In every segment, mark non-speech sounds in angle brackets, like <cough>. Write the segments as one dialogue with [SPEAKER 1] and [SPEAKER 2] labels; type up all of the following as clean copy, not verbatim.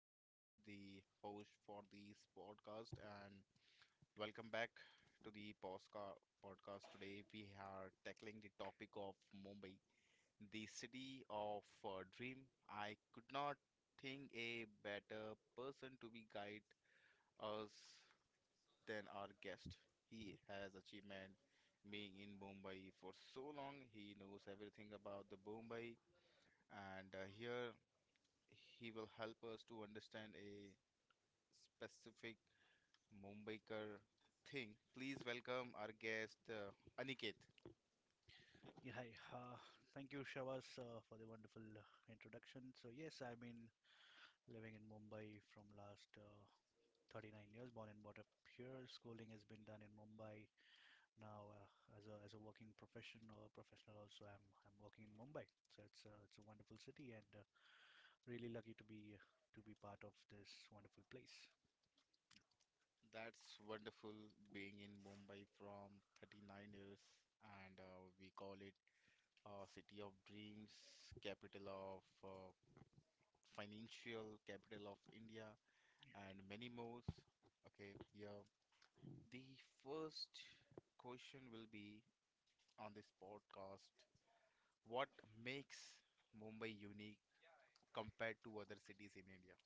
[SPEAKER 1] Shabaz, the host for this podcast, and welcome back to the Posca podcast. Today, we are tackling the topic of Mumbai, the city of dream. I could not think a better person to be guide us than our guest. He has achievement being in Mumbai for so long. He knows everything about the Mumbai, and here he will help us to understand a specific Mumbaikar thing. Please welcome our guest Aniket.
[SPEAKER 2] Yeah, hi. Thank you, Shavas, for the wonderful introduction. So, yes, I've been living in Mumbai from last 39 years, born and brought up here. Schooling has been done in Mumbai. Now, as a working professional also, I'm working in Mumbai. So it's a wonderful city, and really lucky to be part of this wonderful place.
[SPEAKER 1] That's wonderful being in Mumbai from 39 years, and we call it city of dreams, capital of financial, capital of India, and many more. Okay, yeah. The first question will be on this podcast, what makes Mumbai unique compared to other cities in India?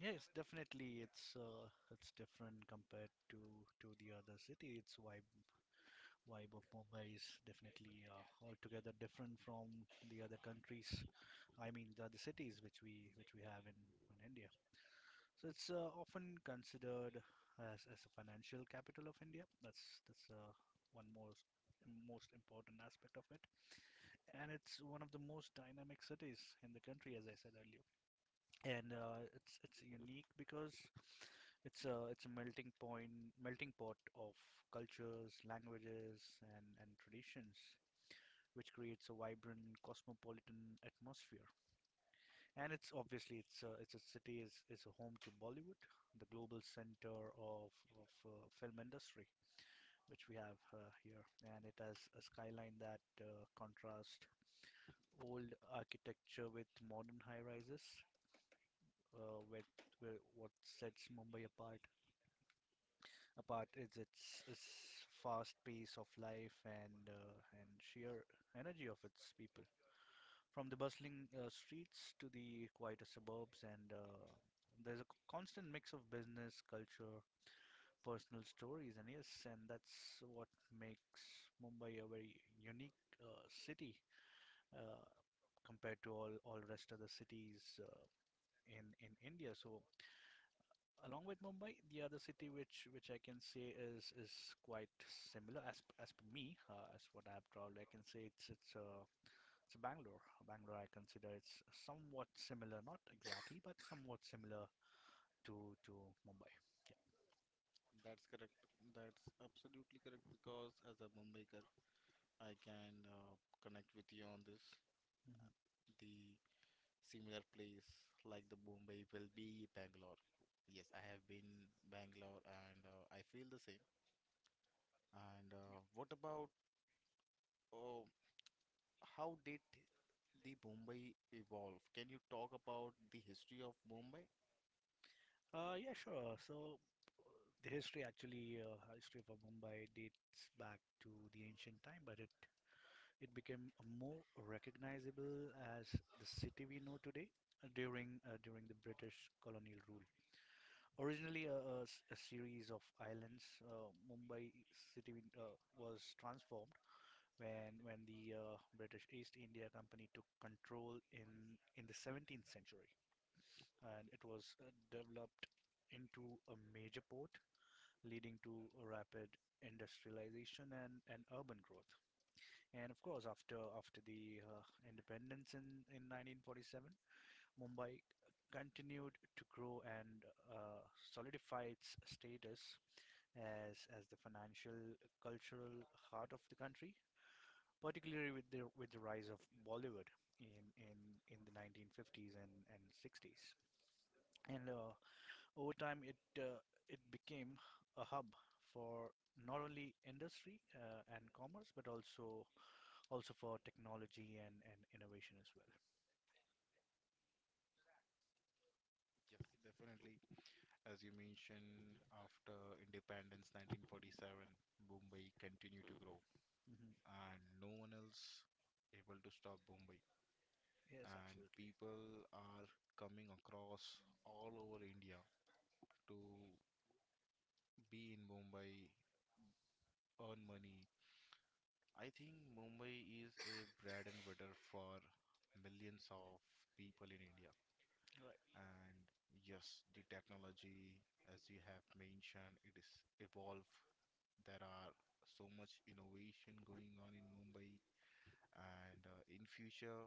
[SPEAKER 2] Yes, definitely, it's different compared to the other city. Its vibe of Mumbai is definitely altogether different from the other countries. I mean, the other cities which we have in India. So it's often considered as a financial capital of India. That's one more most important aspect of it, and it's one of the most dynamic cities in the country, as I said earlier. And it's unique because it's a melting pot of cultures, languages, and traditions, which creates a vibrant cosmopolitan atmosphere. And it's obviously it's a city is a home to Bollywood, the global center of film industry, which we have here, and it has a skyline that contrasts old architecture with modern high rises. Uh, with, with what sets Mumbai apart is its fast pace of life and sheer energy of its people. From the bustling streets to the quieter suburbs, and there's a constant mix of business, culture, personal stories, and yes, and that's what makes Mumbai a very unique city uh, compared to all rest of the cities in India. So along with Mumbai, the other city which I can say is quite similar as as per me as what I've traveled. I can say it's Bangalore. I consider it's somewhat similar, not exactly, but somewhat similar to to Mumbai.
[SPEAKER 1] That's correct. That's absolutely correct because as a Mumbaiker, I can connect with you on this.
[SPEAKER 2] Hmm.
[SPEAKER 1] The similar place like the Mumbai will be Bangalore. Yes, I have been Bangalore and I feel the same. And what about uh, how did the Mumbai evolve? Can you talk about the history of Mumbai?
[SPEAKER 2] Yeah, sure. So history of Mumbai dates back to the ancient time, but it became more recognizable as the city we know today during the British colonial rule. Originally a series of islands, Mumbai city was transformed when the British East India Company took control in the 17th century, and it was developed into a major port, leading to a rapid industrialization and urban growth. And of course, after the independence in 1947, Mumbai continued to grow and uh, solidify its status as the financial cultural heart of the country, particularly with the rise of Bollywood in in in the 1950s and 60s. And over time, it became a hub for not only industry and commerce, but also for technology and innovation as well.
[SPEAKER 1] Yes, definitely. As you mentioned, after independence 1947, Bombay continued to grow,
[SPEAKER 2] Hmm.
[SPEAKER 1] and no one else able to stop Bombay.
[SPEAKER 2] Yes,
[SPEAKER 1] And
[SPEAKER 2] absolutely.
[SPEAKER 1] people are coming across all over India to be in Mumbai, earn money. I think Mumbai is a bread and butter for millions of people in India.
[SPEAKER 2] Right.
[SPEAKER 1] And yes, the technology, as you have mentioned, it is evolve. There are so much innovation going on in Mumbai, and in future,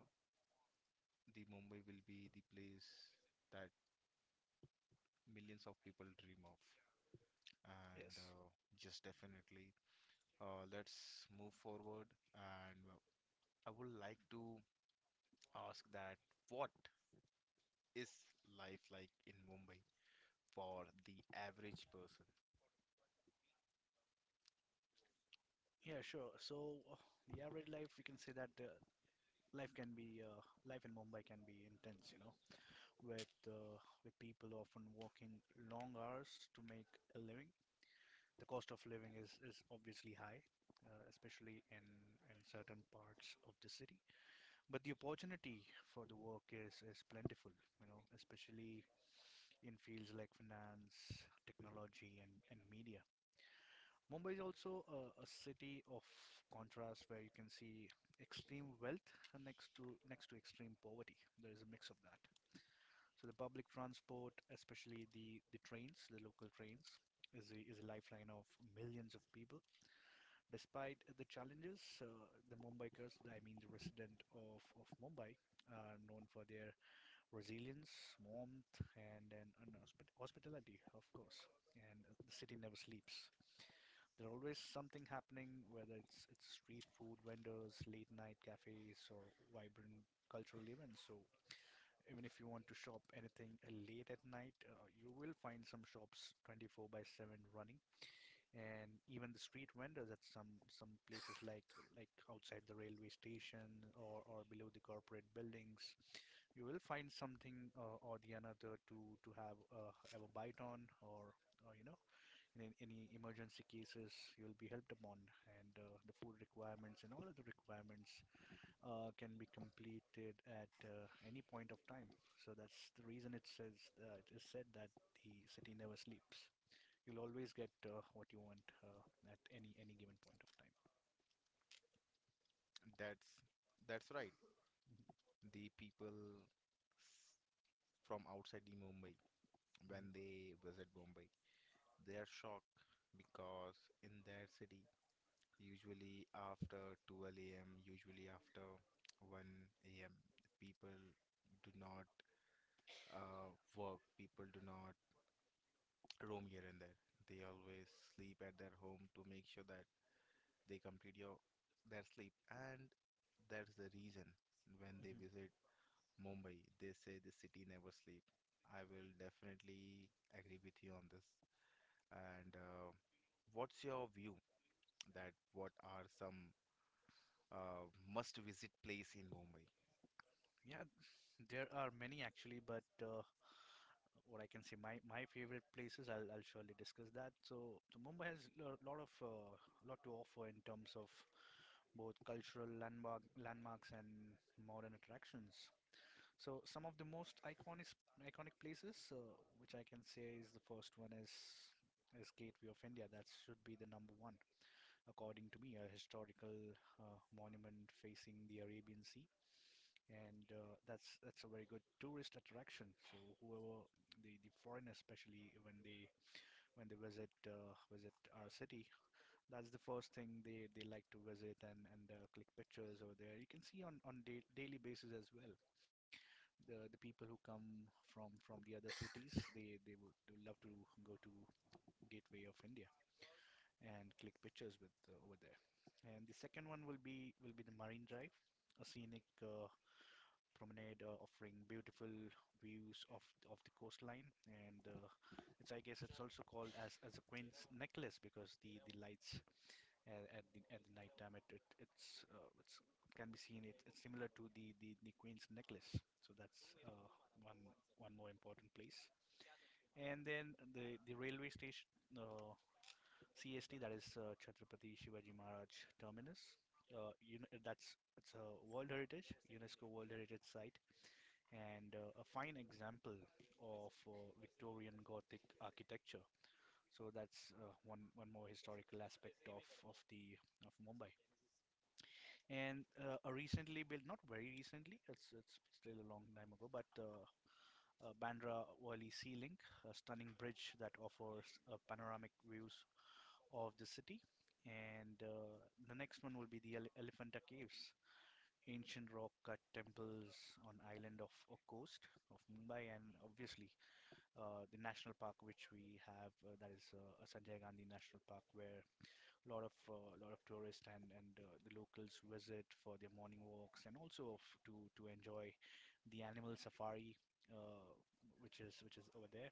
[SPEAKER 1] the Mumbai will be the place that millions of people dream of. And
[SPEAKER 2] Yes.
[SPEAKER 1] just definitely, let's move forward. And I would like to ask that what is life like in Mumbai for the average person?
[SPEAKER 2] Yeah, sure. So the average life, we can say that life can be uh, life in Mumbai can be intense, you know, with uh, with people often working long hours to make a living. The cost of living is obviously high, uh, especially in, in certain parts of the city. But the opportunity for the work is plentiful, you know, especially in fields like finance, technology, and media. Mumbai is also a city of contrast where you can see extreme wealth next to extreme poverty. There is a mix of that. So the public transport, especially the trains, the local trains, is is a lifeline of millions of people. Despite the challenges, the Mumbaikars, I mean the resident of Mumbai, are known for their resilience, warmth, and hospitality, of course. And the city never sleeps. There's always something happening, whether it's street food vendors, late night cafes, or vibrant cultural events. So even if you want to shop anything late at night, you will find some shops 24 by 7 running, and even the street vendors at some places like outside the railway station or below the corporate buildings, you will find something or the another to have a bite on or. Or, you know, in any emergency cases, you'll be helped upon, and the food requirements and all other requirements can be completed at any point of time. So that's the reason it says it is said that the city never sleeps. You'll always get what you want at any given point of time.
[SPEAKER 1] That's that's right.
[SPEAKER 2] Mhm.
[SPEAKER 1] The people s- from outside the Mumbai
[SPEAKER 2] Mhm.
[SPEAKER 1] when they visit Mumbai. They are shocked because in their city, usually after 12 a.m., usually after 1 a.m., people do not work, people do not roam here and there. They always sleep at their home to make sure that they complete your their sleep. And that's the reason when they
[SPEAKER 2] Mhm.
[SPEAKER 1] visit Mumbai, they say the city never sleep. I will definitely agree with you on this. And what's your view that what are some must visit place in Mumbai?
[SPEAKER 2] Yeah, there are many actually, but what I can say, my favorite places, I'll surely discuss that. So, so Mumbai has a lot of lot to offer in terms of both cultural landmarks and modern attractions. So some of the most iconic places, which I can say is the first one is Gateway of India. That should be the number one, according to me, a historical monument facing the Arabian Sea, and that's a very good tourist attraction. So whoever the foreigners, especially when they visit visit our city, that's the first thing they like to visit and click pictures over there. You can see on da daily basis as well the people who come from the other cities, they would love to go to Gateway of India and click pictures with over there. And the second one will be the Marine Drive, a scenic promenade offering beautiful views of the coastline. And it's, I guess, it's also called as a Queen's Necklace because the lights at the night time. It's, it can be seen. It's similar to the Queen's necklace. So that's one one more important place. And then the railway station, uh, CST, that is Chhatrapati Shivaji Maharaj Terminus. You know, that's it's a World Heritage UNESCO World Heritage site and a fine example of Victorian Gothic architecture. So that's one more historical aspect of the of Mumbai, and a recently built, not very recently, it's still a long time ago, but Bandra Worli Sea Link, a stunning bridge that offers panoramic views of the city. And the next one will be the Elephanta Caves, ancient rock cut temples on island of a coast of Mumbai, and obviously the national park which we have, that is a Sanjay Gandhi National Park, where lot of tourists and the locals visit for their morning walks and also to enjoy the animal safari uh, which is over there.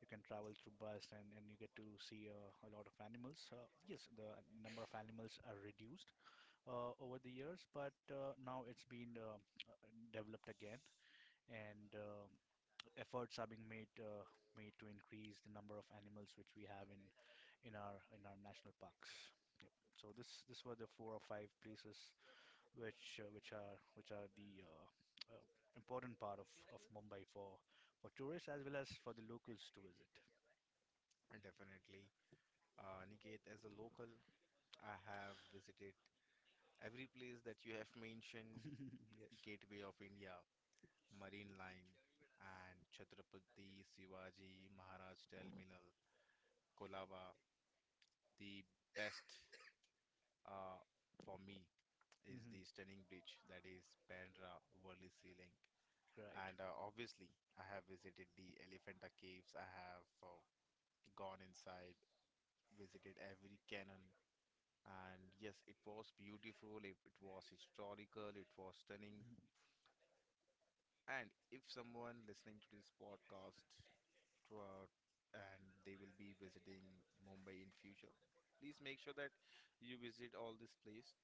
[SPEAKER 2] You can travel through bus and you get to see a lot of animals. Yes, the number of animals are reduced over the years, but now it's been uh, developed again, and efforts are being made made to increase the number of animals which we have in in our national parks. Yep. So this were the four or five places which which are the uh, important part of Mumbai for tourists as well as for the locals to visit.
[SPEAKER 1] And definitely. Niket, as a local, I have visited every place that you have mentioned,
[SPEAKER 2] <laughs> Yes.
[SPEAKER 1] Gateway of India, Marine Line, and Chhatrapati Shivaji Maharaj Terminal, Kolaba. The best uh, for me is the
[SPEAKER 2] Hmm.
[SPEAKER 1] stunning bridge that is Bandra Worli Sea Link.
[SPEAKER 2] Right.
[SPEAKER 1] And obviously, I have visited the Elephanta Caves. I have gone inside, visited every canal. And yes, it was beautiful, it was historical, it was stunning.
[SPEAKER 2] Mm-hmm.
[SPEAKER 1] And if someone listening to this podcast throughout and they will be visiting Mumbai in future, please make sure that you visit all this place.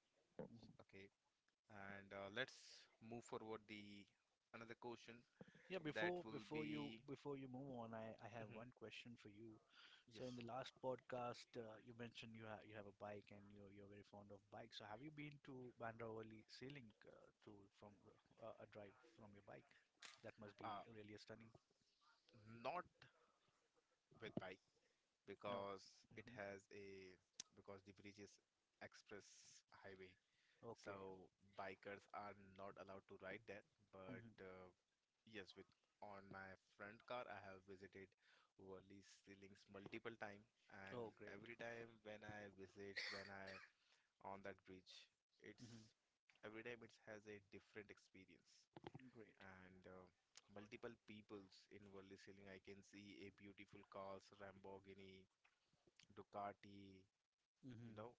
[SPEAKER 1] Okay, and let's move forward the another question
[SPEAKER 2] Yeah,
[SPEAKER 1] that
[SPEAKER 2] before
[SPEAKER 1] will
[SPEAKER 2] before you
[SPEAKER 1] be.
[SPEAKER 2] move on, I
[SPEAKER 1] <laughs>
[SPEAKER 2] have
[SPEAKER 1] Mhm.
[SPEAKER 2] one question for you. So in
[SPEAKER 1] Yes,
[SPEAKER 2] the last podcast, you mentioned you have a bike and you're very fond of bikes. So have you been to Bandra Valley sailing to from a drive from your bike? That must be
[SPEAKER 1] uh,
[SPEAKER 2] really a stunning.
[SPEAKER 1] not with bike,
[SPEAKER 2] No.
[SPEAKER 1] because it
[SPEAKER 2] Hmm.
[SPEAKER 1] has a <tsk> because the bridge is express highway,
[SPEAKER 2] Okay.
[SPEAKER 1] so bikers are not allowed to ride that. But
[SPEAKER 2] Hmm.
[SPEAKER 1] yes, with on my friend car, I have visited Worli ceilings multiple time, and
[SPEAKER 2] Oh, great.
[SPEAKER 1] every time when I visit, when I on that bridge, it's
[SPEAKER 2] Hmm.
[SPEAKER 1] every time it has a different experience,
[SPEAKER 2] Great.
[SPEAKER 1] and multiple peoples in Worli ceiling. I can see a beautiful cars, Lamborghini, Ducati, you
[SPEAKER 2] Hmm.
[SPEAKER 1] know,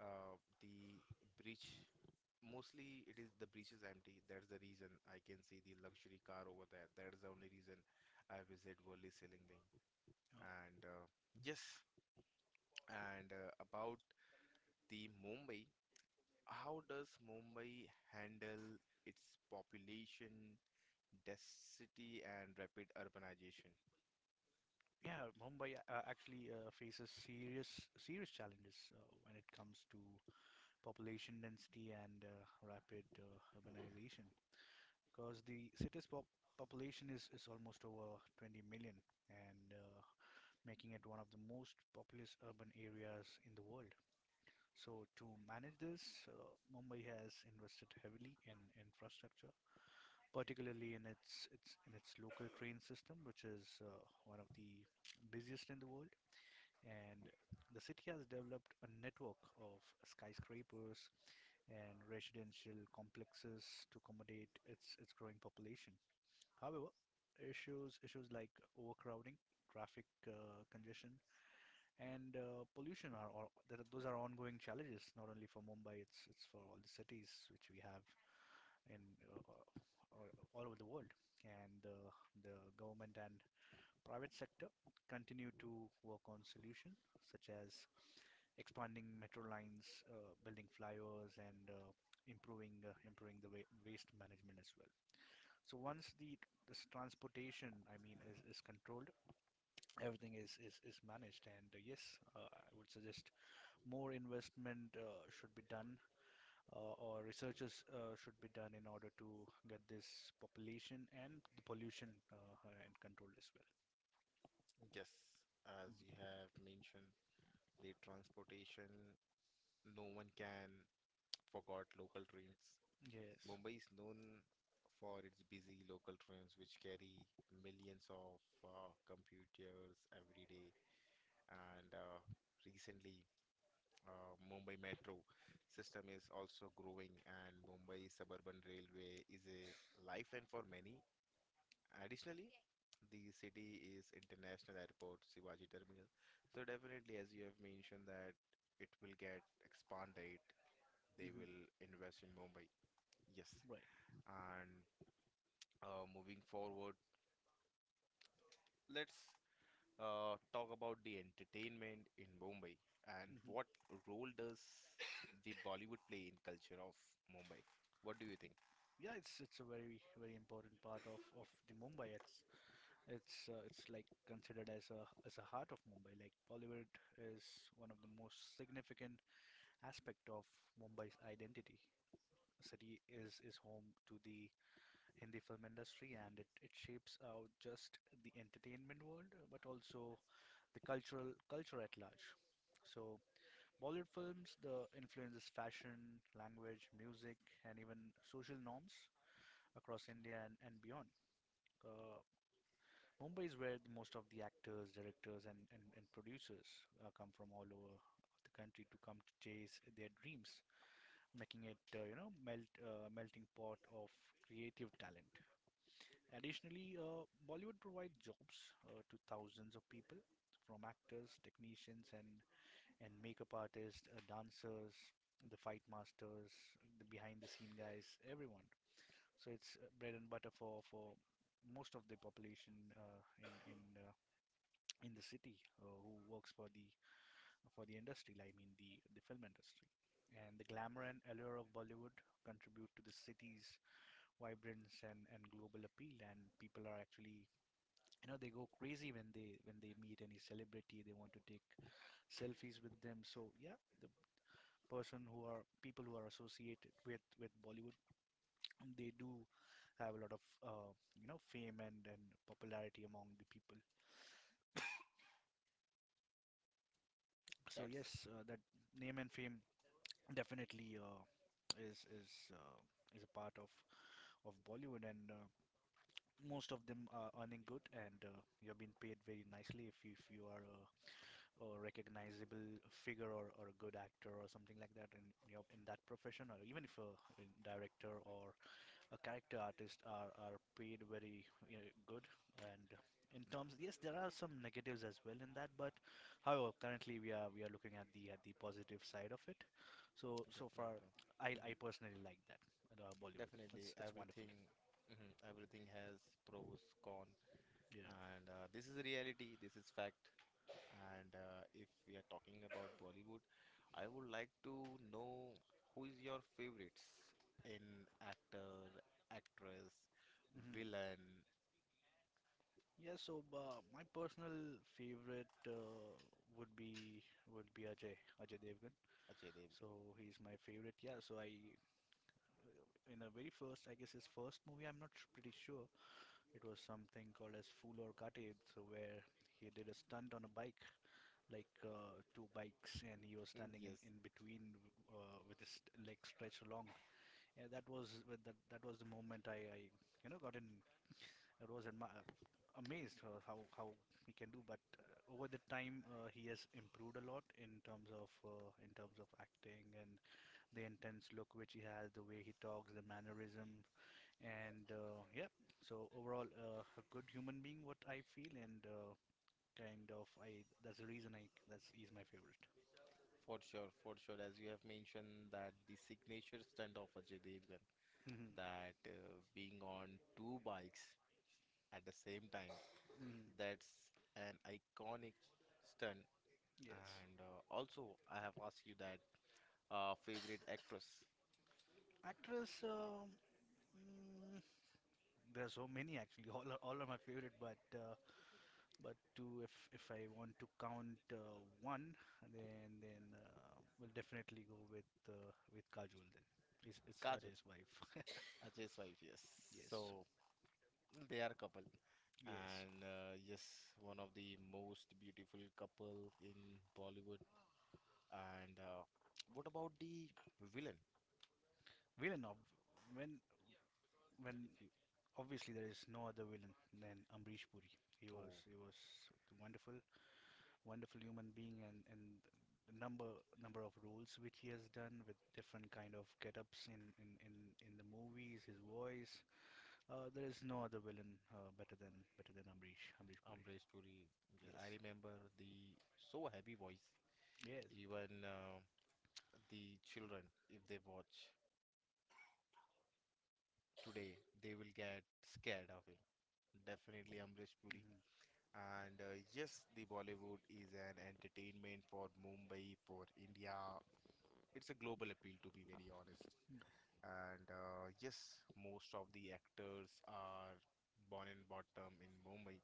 [SPEAKER 1] the breach. Mostly it is the breach is empty. That's the reason I can see the luxury car over there. That's the only reason I visit Worli Silingling.
[SPEAKER 2] Oh,
[SPEAKER 1] And yes, and about the Mumbai, how does Mumbai handle its population, density, and rapid urbanization?
[SPEAKER 2] yeah. Mumbai actually faces serious challenges when it comes to population density and rapid urbanization because the city's population is almost over 20 million and making it one of the most populous urban areas in the world. So, to manage this, uh, Mumbai has invested heavily in infrastructure, particularly in in its local train system, which is one of the busiest in the world. And the city has developed a network of skyscrapers and residential complexes to accommodate its growing population. However, issues like overcrowding, traffic congestion, and pollution are those are ongoing challenges. Not only for Mumbai, it's for all the cities which we have in uh, uh, all over the world. And the government and Private sector continue to work on solutions such as expanding metro lines, building flyovers, and improving the waste management as well. So once the this transportation, I mean, is controlled, everything is managed. And yes, I would suggest more investment should be done, or researches should be done in order to get this population and the pollution and controlled as well.
[SPEAKER 1] Yes, as you have mentioned, the transportation, no one can forgot local trains.
[SPEAKER 2] Mhm. Yes.
[SPEAKER 1] Mumbai is known for its busy local trains, which carry millions of computers every day. And recently, Mumbai Metro system is also growing, and Mumbai Suburban Railway is a lifeline for many. Additionally, the city is international airport Shivaji Terminal. So definitely, as you have mentioned that it will get expanded, they
[SPEAKER 2] Mhm.
[SPEAKER 1] will invest in Mumbai. Yes.
[SPEAKER 2] Right.
[SPEAKER 1] And moving forward, let's talk about the entertainment in Mumbai, and what
[SPEAKER 2] Hmm.
[SPEAKER 1] role does the Bollywood play in culture of Mumbai? What do you think?
[SPEAKER 2] Yeah, it's a very very important part of the Mumbai. It's like considered as a heart of Mumbai. Like, Bollywood is one of the most significant aspect of Mumbai's identity. The city is home to the Hindi film industry, and it shapes out just the entertainment world, but also the cultural culture at large. So Bollywood films, the influences fashion, language, music, and even social norms across India and beyond. Uh, Mumbai is where the most of the actors, directors, and producers come from all over the country to come to chase their dreams, making it, melting pot of creative talent. Additionally, Bollywood provides jobs to thousands of people, from actors, technicians, and makeup artists, dancers, the fight masters, the behind the scene guys, everyone. So it's bread and butter for most of the population, in the city, who works for the industry. I mean, the film industry. And the glamour and allure of Bollywood contribute to the city's vibrance and global appeal. And people are actually, they go crazy when they meet any celebrity. They want to take selfies with them. So yeah, the person who are people who are associated with Bollywood, they do have a lot of fame and popularity among the people. So
[SPEAKER 1] That's
[SPEAKER 2] yes, that name and fame definitely is is uh, is a part of Bollywood. And, most of them are earning good, and, you're being paid very nicely if if you are a recognizable figure, or a good actor or something like that in your in that profession, or even if a director or a character artists are paid very, you know, good. And in terms, yes, there are some negatives as well in that. But however, currently, we are looking at the positive side of it, so so far.
[SPEAKER 1] definitely,
[SPEAKER 2] i
[SPEAKER 1] hmm
[SPEAKER 2] i personally like that, Bollywood.
[SPEAKER 1] definitely
[SPEAKER 2] It's wonderful.
[SPEAKER 1] everything. Mhm. Everything has pros, con,
[SPEAKER 2] Yeah.
[SPEAKER 1] and this is reality. This is fact. And if we are talking about Bollywood, I would like to know who is your favorites in actor, actress,
[SPEAKER 2] Hmm.
[SPEAKER 1] villain,
[SPEAKER 2] Yeah, so my personal favorite, would be would be Ajay, Ajay Devgan.
[SPEAKER 1] Ajay
[SPEAKER 2] So
[SPEAKER 1] Devgn.
[SPEAKER 2] he's my favorite. Yeah, so I, uh, in a very first, I guess, his first movie, I'm not pretty sure. It was something called as Fool or Katib, so where he did a stunt on a bike, like, two bikes, and he was
[SPEAKER 1] <laughs>
[SPEAKER 2] standing in,
[SPEAKER 1] Yes,
[SPEAKER 2] in between, with his leg stretched along. And that was the moment I, got in. I was amazed, how he can do. But over the time, he has improved a lot, in terms of acting, and the intense look which he has, the way he talks, the mannerism. And, yeah, so overall, a good human being, what I feel. And kind of I that's the reason I that's he's my favorite.
[SPEAKER 1] for sure, for sure. As you have mentioned that the signature stunt of Ajay Devgn,
[SPEAKER 2] Hmm.
[SPEAKER 1] that being on two bikes at the same time,
[SPEAKER 2] Hmm.
[SPEAKER 1] that's an iconic stunt.
[SPEAKER 2] Yes.
[SPEAKER 1] And also, I have asked you that favorite actress,
[SPEAKER 2] Actress, mm, there are so many actually. <laughs> All are my favorite. But to if I want to count, one, then we'll definitely go, with Kajol. Then it's
[SPEAKER 1] Kajol.
[SPEAKER 2] Ajay's wife.
[SPEAKER 1] Ajay's wife, yes.
[SPEAKER 2] <laughs> Yes,
[SPEAKER 1] So they are a couple,
[SPEAKER 2] yes.
[SPEAKER 1] and yes, one of the most beautiful couple in Bollywood. And what about the villain?
[SPEAKER 2] villain of when when
[SPEAKER 1] If you
[SPEAKER 2] Obviously, there is no other villain than Ambrish Puri. He was
[SPEAKER 1] oh,
[SPEAKER 2] he was wonderful. Wonderful human being. And the number of roles which he has done with different kind of get-ups in the movies, his voice. There is no other villain, better than Ambrish Puri.
[SPEAKER 1] Amresh Puri, yeah, I
[SPEAKER 2] Yes,
[SPEAKER 1] remember the so heavy voice.
[SPEAKER 2] yes.
[SPEAKER 1] Even the children, if they watch today, they will get scared of him. Definitely Amrish Puri.
[SPEAKER 2] Hmm.
[SPEAKER 1] And yes, the Bollywood is an entertainment for Mumbai, for India, it's a global appeal, to be very honest. And yes, most of the actors are born and bottom in Mumbai.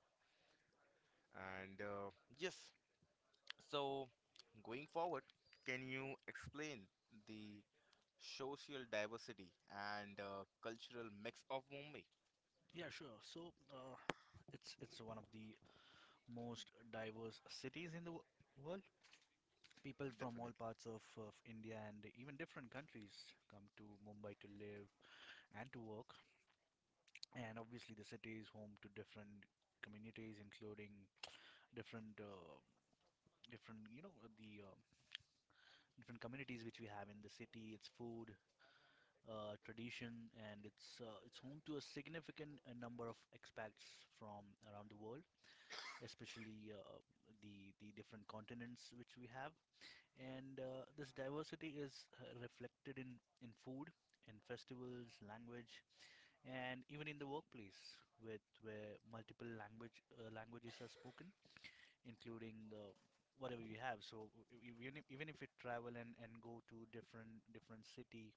[SPEAKER 1] And yes, so going forward, can you explain the social diversity and cultural mix of Mumbai?
[SPEAKER 2] Yeah, sure. So, it's one of the most diverse cities in the world. People from all
[SPEAKER 1] Definitely,
[SPEAKER 2] parts of India and even different countries come to Mumbai to live and to work. And obviously, the city is home to different communities, including different, different, you know, the different communities which we have in the city. Its food, tradition, and it's home to a significant number of expats from around the world, especially, the different continents which we have. And, this diversity is reflected in food, in festivals, language, and even in the workplace, with where multiple language languages are spoken, including, whatever you have. So even if you travel and go to different city,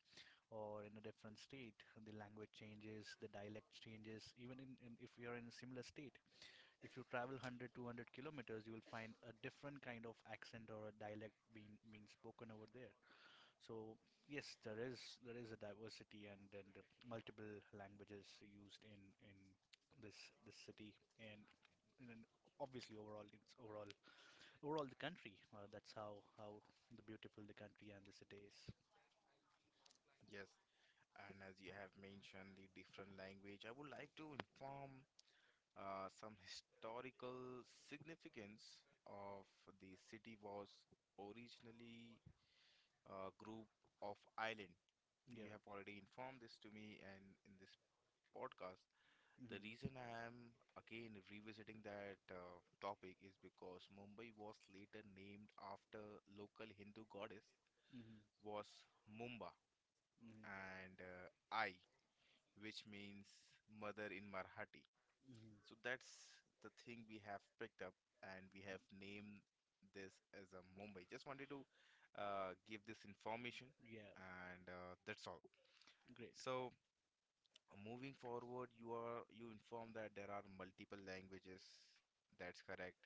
[SPEAKER 2] or in a different state, the language changes, the dialect changes. Even in if you are in a similar state, if you travel 100 200 kilometers, you will find a different kind of accent or a dialect being spoken over there. So yes, there is a diversity, and then the multiple languages used in this this city, and and then obviously overall it's overall overall the country. That's how the beautiful the country and the city is.
[SPEAKER 1] yes. And as you have mentioned the different language, I would like to inform some historical significance of the city was originally a group of island.
[SPEAKER 2] Yeah.
[SPEAKER 1] You have already informed this to me, and in this podcast,
[SPEAKER 2] Mhm.
[SPEAKER 1] the reason I am again revisiting that topic is because Mumbai was later named after local Hindu goddess
[SPEAKER 2] Mhm.
[SPEAKER 1] was Mumba,
[SPEAKER 2] Mhm.
[SPEAKER 1] and I, which means mother in Marathi.
[SPEAKER 2] Mhm.
[SPEAKER 1] So that's the thing we have picked up, and we have
[SPEAKER 2] Mhm.
[SPEAKER 1] named this as a Mumbai. Just wanted to give this information,
[SPEAKER 2] Yeah.
[SPEAKER 1] and that's all.
[SPEAKER 2] Great.
[SPEAKER 1] So moving forward, you inform that there are multiple languages. That's correct.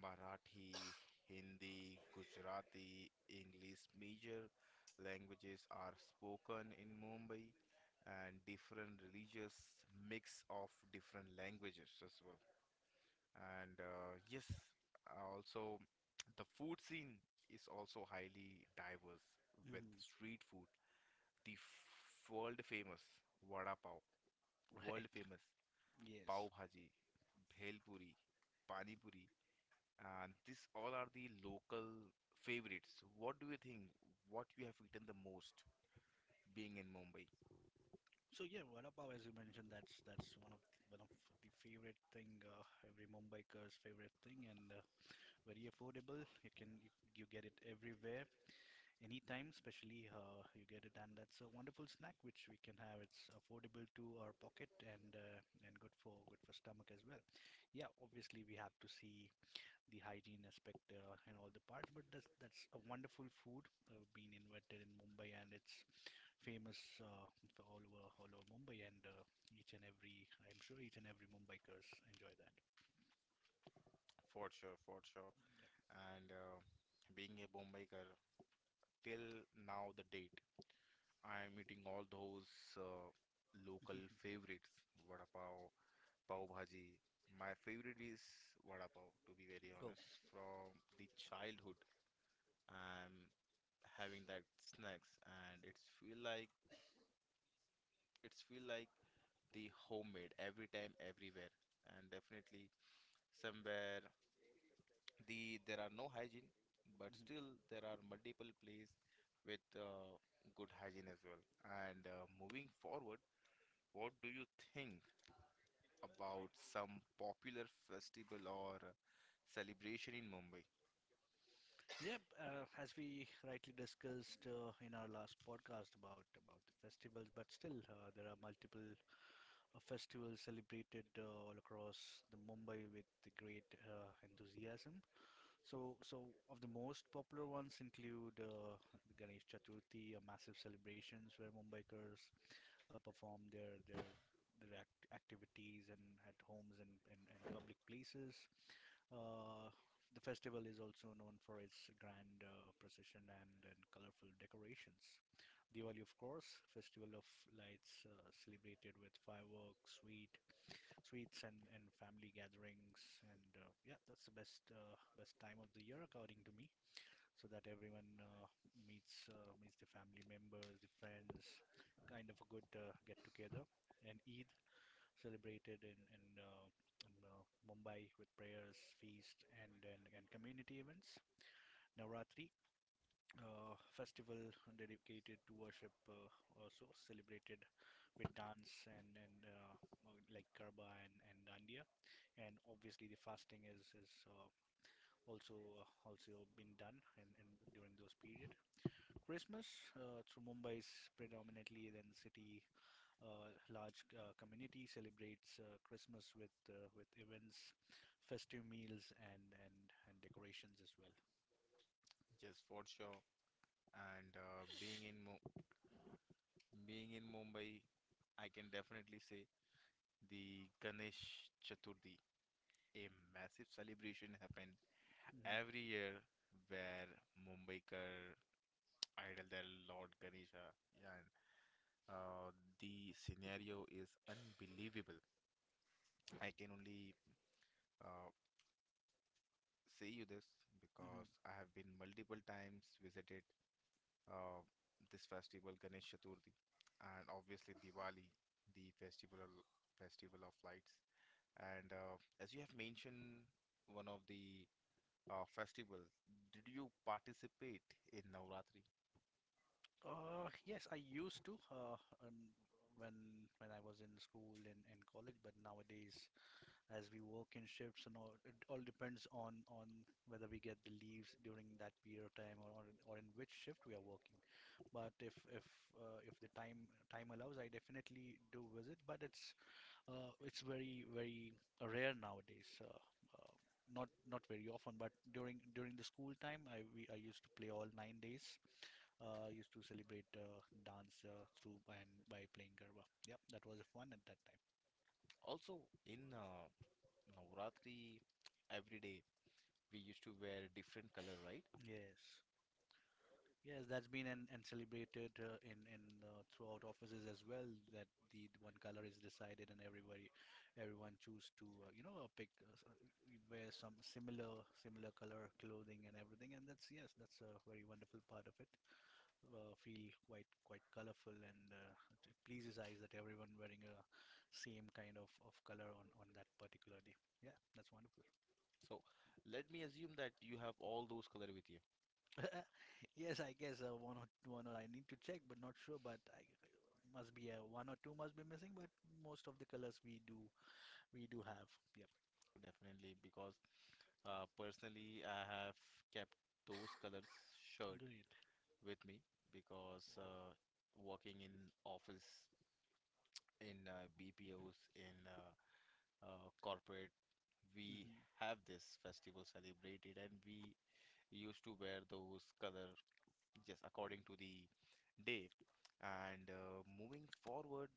[SPEAKER 1] Marathi, Hindi, Gujarati, English, major languages are spoken in Mumbai, and different religious mix of different languages as well. And yes, also the food scene is also highly diverse with
[SPEAKER 2] Mhm.
[SPEAKER 1] street food, the f world famous vada pav,
[SPEAKER 2] <laughs> Right.
[SPEAKER 1] world famous
[SPEAKER 2] Yes.
[SPEAKER 1] pav bhaji, bhel puri, pani puri, and these all are the local favorites. What do you think? What you have eaten the most being in Mumbai?
[SPEAKER 2] So yeah, vada pav, as you mentioned, that's one of the favorite thing, every Mumbaiker's favorite thing, and, very affordable. You get it everywhere, anytime. Especially, you get it, and that's a wonderful snack which we can have. It's affordable to our pocket, and good for stomach as well. Yeah, obviously we have to see the hygiene aspect, and all the parts. But that's a wonderful food, being invented in Mumbai, and it's famous, for all over Mumbai. And, each and every I'm sure each and every Mumbaikers enjoy that.
[SPEAKER 1] For sure, for sure. And being a Mumbaiker till now, the date. I'm eating all those uh, local favorites, vada pav, pav bhaji. My favorite is vada pav, to be very honest. From the childhood, I'm having that snacks, and it's feel like the homemade every time, everywhere, and definitely somewhere the there are no hygiene, but
[SPEAKER 2] <laughs>
[SPEAKER 1] still there are multiple places with good hygiene as well. And moving forward, what do you think about some popular festival or celebration in Mumbai?
[SPEAKER 2] Yep, as we rightly discussed, in our last podcast about the festivals. But still, there are multiple festivals celebrated, all across the Mumbai with the great, enthusiasm. So, of the most popular ones include, the Ganesh Chaturthi, massive celebrations where Mumbaikars, perform activities, and at homes, and public places. Uh, the festival is also known for its grand, procession and colorful decorations. Diwali, of course, festival of lights, celebrated with fireworks, sweets, and family gatherings. And, yeah, that's the best time of the year, according to me, so that everyone, meets the family members, the friends, kind of a good, get together. And Eid celebrated, in Mumbai, with prayers, feast, and community events. Navratri, festival dedicated to worship, also celebrated with dance, and like Garba and Dandiya, and obviously the fasting is also also been done in during those period. Christmas, through Mumbai is predominantly then city, a large, community celebrates, Christmas, with events, festive meals, and decorations as well.
[SPEAKER 1] Just for sure. And being in Mumbai, I can definitely say the Ganesh Chaturthi, a massive celebration happened
[SPEAKER 2] Hmm.
[SPEAKER 1] every year where Mumbaikar idol their Lord Ganesha, and uh, the scenario is unbelievable. I can only uh, say you this
[SPEAKER 2] Hmm.
[SPEAKER 1] because I have been multiple times visited uh, this festival, Ganesh Chaturthi, and obviously Diwali, the festival of lights. And as you have mentioned, one of the festival, did you participate in Navratri?
[SPEAKER 2] Yes, I used to, when I was in school and college, but nowadays, as we work in shifts and all, it all depends on whether we get the leaves during that period of time, or in which shift we are working. But if the time allows, I definitely do visit. But it's very very rare nowadays. Uh, not very often, but during the school time, I used to play all 9 days. Used to celebrate, dance, through and by playing garba. Yeah, that was fun at that time.
[SPEAKER 1] Also, in Navratri, every day we used to wear different color, right?
[SPEAKER 2] Yes. Yes, that's been, and celebrated, in throughout offices as well. That The one color is decided, and everyone choose to, pick, wear some similar color clothing and everything. And that's yes, that's a very wonderful part of it. Feel quite colorful, and, it pleases eyes that everyone wearing a same kind of color on that particular day. Yeah, that's wonderful.
[SPEAKER 1] So let me assume that you have all those color with you,
[SPEAKER 2] <laughs> Yes, I guess, one or One or I need to check, but not sure. But I must be, one or two must be missing. But most of the colors we do have. Yep.
[SPEAKER 1] definitely, because personally I have kept those colors shirt
[SPEAKER 2] Great.
[SPEAKER 1] with me because
[SPEAKER 2] Wow.
[SPEAKER 1] working in office, in BPOs, in corporate, we
[SPEAKER 2] Mm-hmm.
[SPEAKER 1] have this festival celebrated and we used to wear those color just according to the day. And moving forward,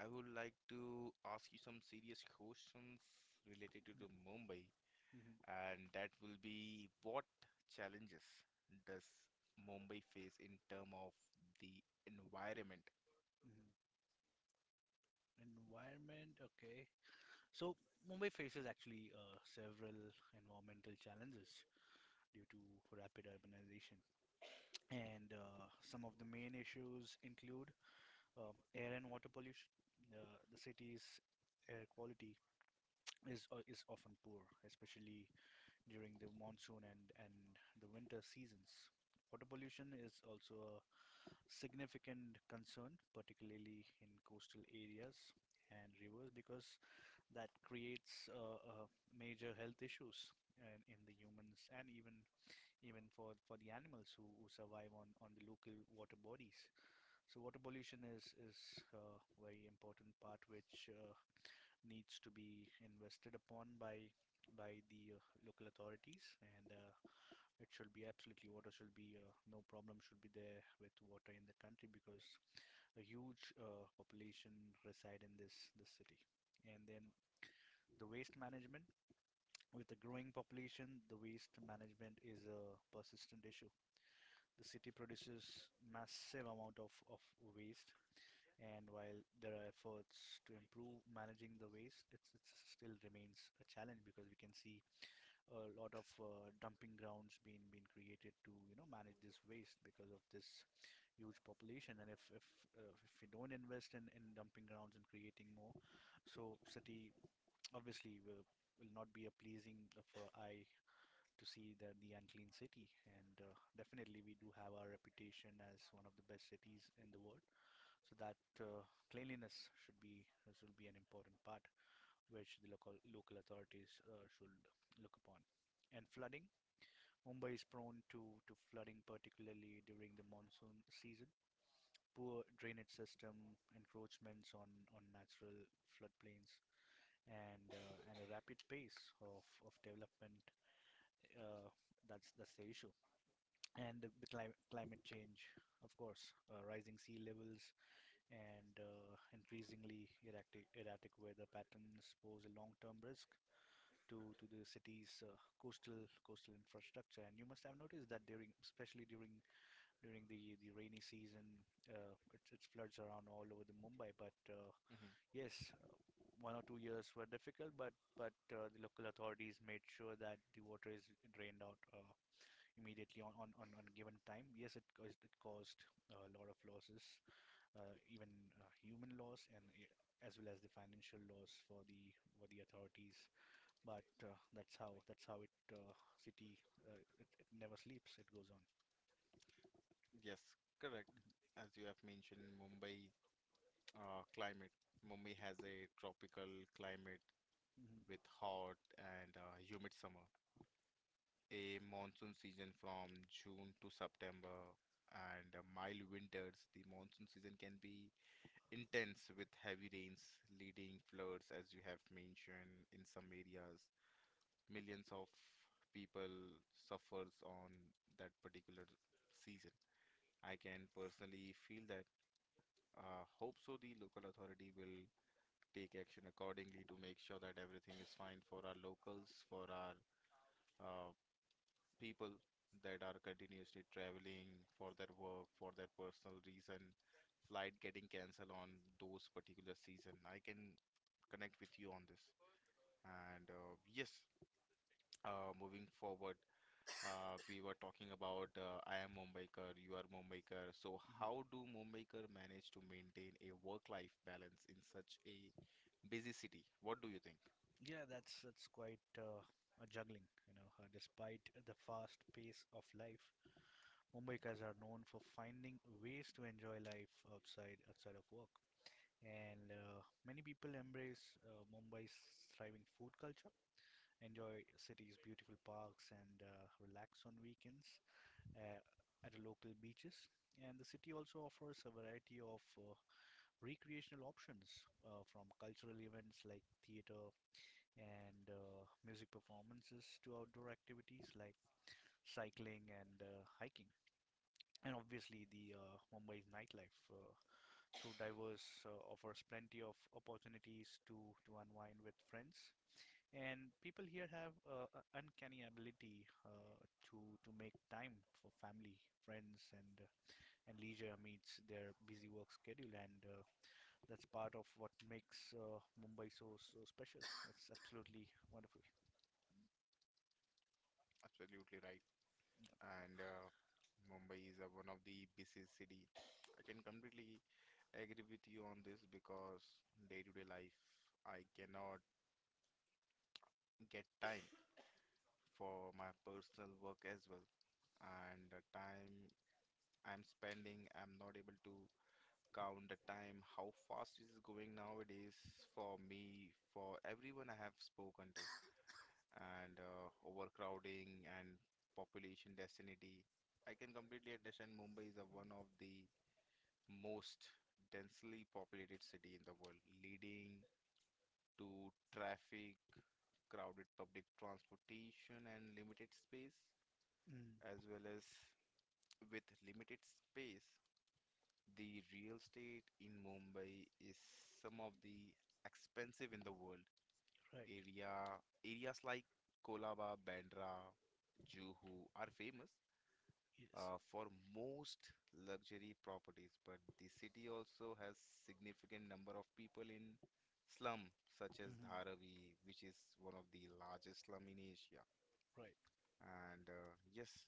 [SPEAKER 1] I would like to ask you some serious questions related to
[SPEAKER 2] Yep.
[SPEAKER 1] the Mumbai,
[SPEAKER 2] Mm-hmm.
[SPEAKER 1] and that will be what challenges does Mumbai face in term of the environment?
[SPEAKER 2] Mm-hmm. Environment. Okay. So Mumbai faces actually several environmental challenges due to rapid urbanization, and some of the main issues include air and water pollution. The city's air quality is often poor, especially during the monsoon and the winter seasons. Water pollution is also a significant concern, particularly in coastal areas and rivers, because that creates major health issues in the humans and even for the animals who survive on the local water bodies. So water pollution is a very important part which needs to be invested upon by the local authorities, and it should be absolutely, water should be, no problem should be there with water in the country, because a huge population reside in this city. And then the waste management, with a growing population, the waste management is a persistent issue. The city produces massive amount of waste, and while there are efforts to improve managing the waste, it still remains a challenge, because we can see a lot of dumping grounds being created to, you know, manage this waste because of this huge population. And if we don't invest in dumping grounds and creating more, so city obviously will not be a pleasing for eye to see the unclean city. And definitely we do have our reputation as one of the best cities in the world, so that cleanliness should be, should be an important part which the local authorities should look upon. And flooding, Mumbai is prone to flooding, particularly during the monsoon season. Poor drainage system, encroachments on natural floodplains, and a rapid pace of development. Uh, that's the issue. And the climate change, of course, rising sea levels and increasingly erratic weather patterns pose a long-term risk to the city's coastal infrastructure. And you must have noticed that especially during the rainy season, it floods around all over the Mumbai. But
[SPEAKER 1] Hmm.
[SPEAKER 2] yes, 1 or 2 years were difficult, but the local authorities made sure that the water is drained out immediately on, on given time. Yes, it caused a lot of losses, even human laws and I- as well as the financial laws for the authorities. But that's how it city, it never sleeps. It goes on.
[SPEAKER 1] Yes, correct. As you have mentioned, Mumbai climate. Mumbai has a tropical climate with
[SPEAKER 2] Hmm.
[SPEAKER 1] hot and humid summer, a monsoon season from June to September, and mild winters. The monsoon season can be intense with heavy rains, leading floods, as you have mentioned in some areas, millions of people suffers on that particular season. I can personally feel that. Hope so the local authority will take action accordingly to make sure that everything is fine for our locals, for our uh, people that are continuously traveling for their work, for their personal reason, flight getting cancelled on those particular season. I can connect with you on this. And yes, moving forward, we were talking about I am Mumbaikar, you are Mumbaikar. So
[SPEAKER 2] Hmm.
[SPEAKER 1] how do Mumbaikar manage to maintain a work-life balance in such a busy city? What do you think?
[SPEAKER 2] Yeah, that's quite a juggling, you know. Despite the fast pace of life, Mumbaikas are known for finding ways to enjoy life outside of work, and many people embrace Mumbai's thriving food culture, enjoy city's beautiful parks, and relax on weekends uh, at local beaches. And the city also offers a variety of recreational options, from cultural events like theater and music performances to outdoor activities like cycling and hiking. And obviously, the Mumbai's nightlife, through diverse, offers plenty of opportunities to unwind with friends, and people here have a uncanny ability to to make time for family, friends, and leisure meets their busy work schedule, and that's part of what makes Mumbai so special. It's absolutely wonderful.
[SPEAKER 1] Absolutely right.
[SPEAKER 2] Yeah.
[SPEAKER 1] And Mumbai is one of the busiest city. I can completely agree with you on this because day-to-day life, I cannot get time for my personal work as well. And the time I'm spending, I'm not able to count the time, how fast it is going nowadays for me, for everyone I have spoken to, and overcrowding and population density. I can completely understand Mumbai is a one of the most densely populated city in the world, leading to traffic, crowded public transportation, and limited space,
[SPEAKER 2] Mm,
[SPEAKER 1] as well as with limited space. The real estate in Mumbai is some of the expensive in the world.
[SPEAKER 2] right.
[SPEAKER 1] Area Areas like Kolaba, Bandra, Juhu are famous
[SPEAKER 2] Yes.
[SPEAKER 1] for most luxury properties, but the city also has significant number of people in slum such as
[SPEAKER 2] Hmm.
[SPEAKER 1] Dharavi, which is one of the largest slum in Asia.
[SPEAKER 2] Right.
[SPEAKER 1] And Yes,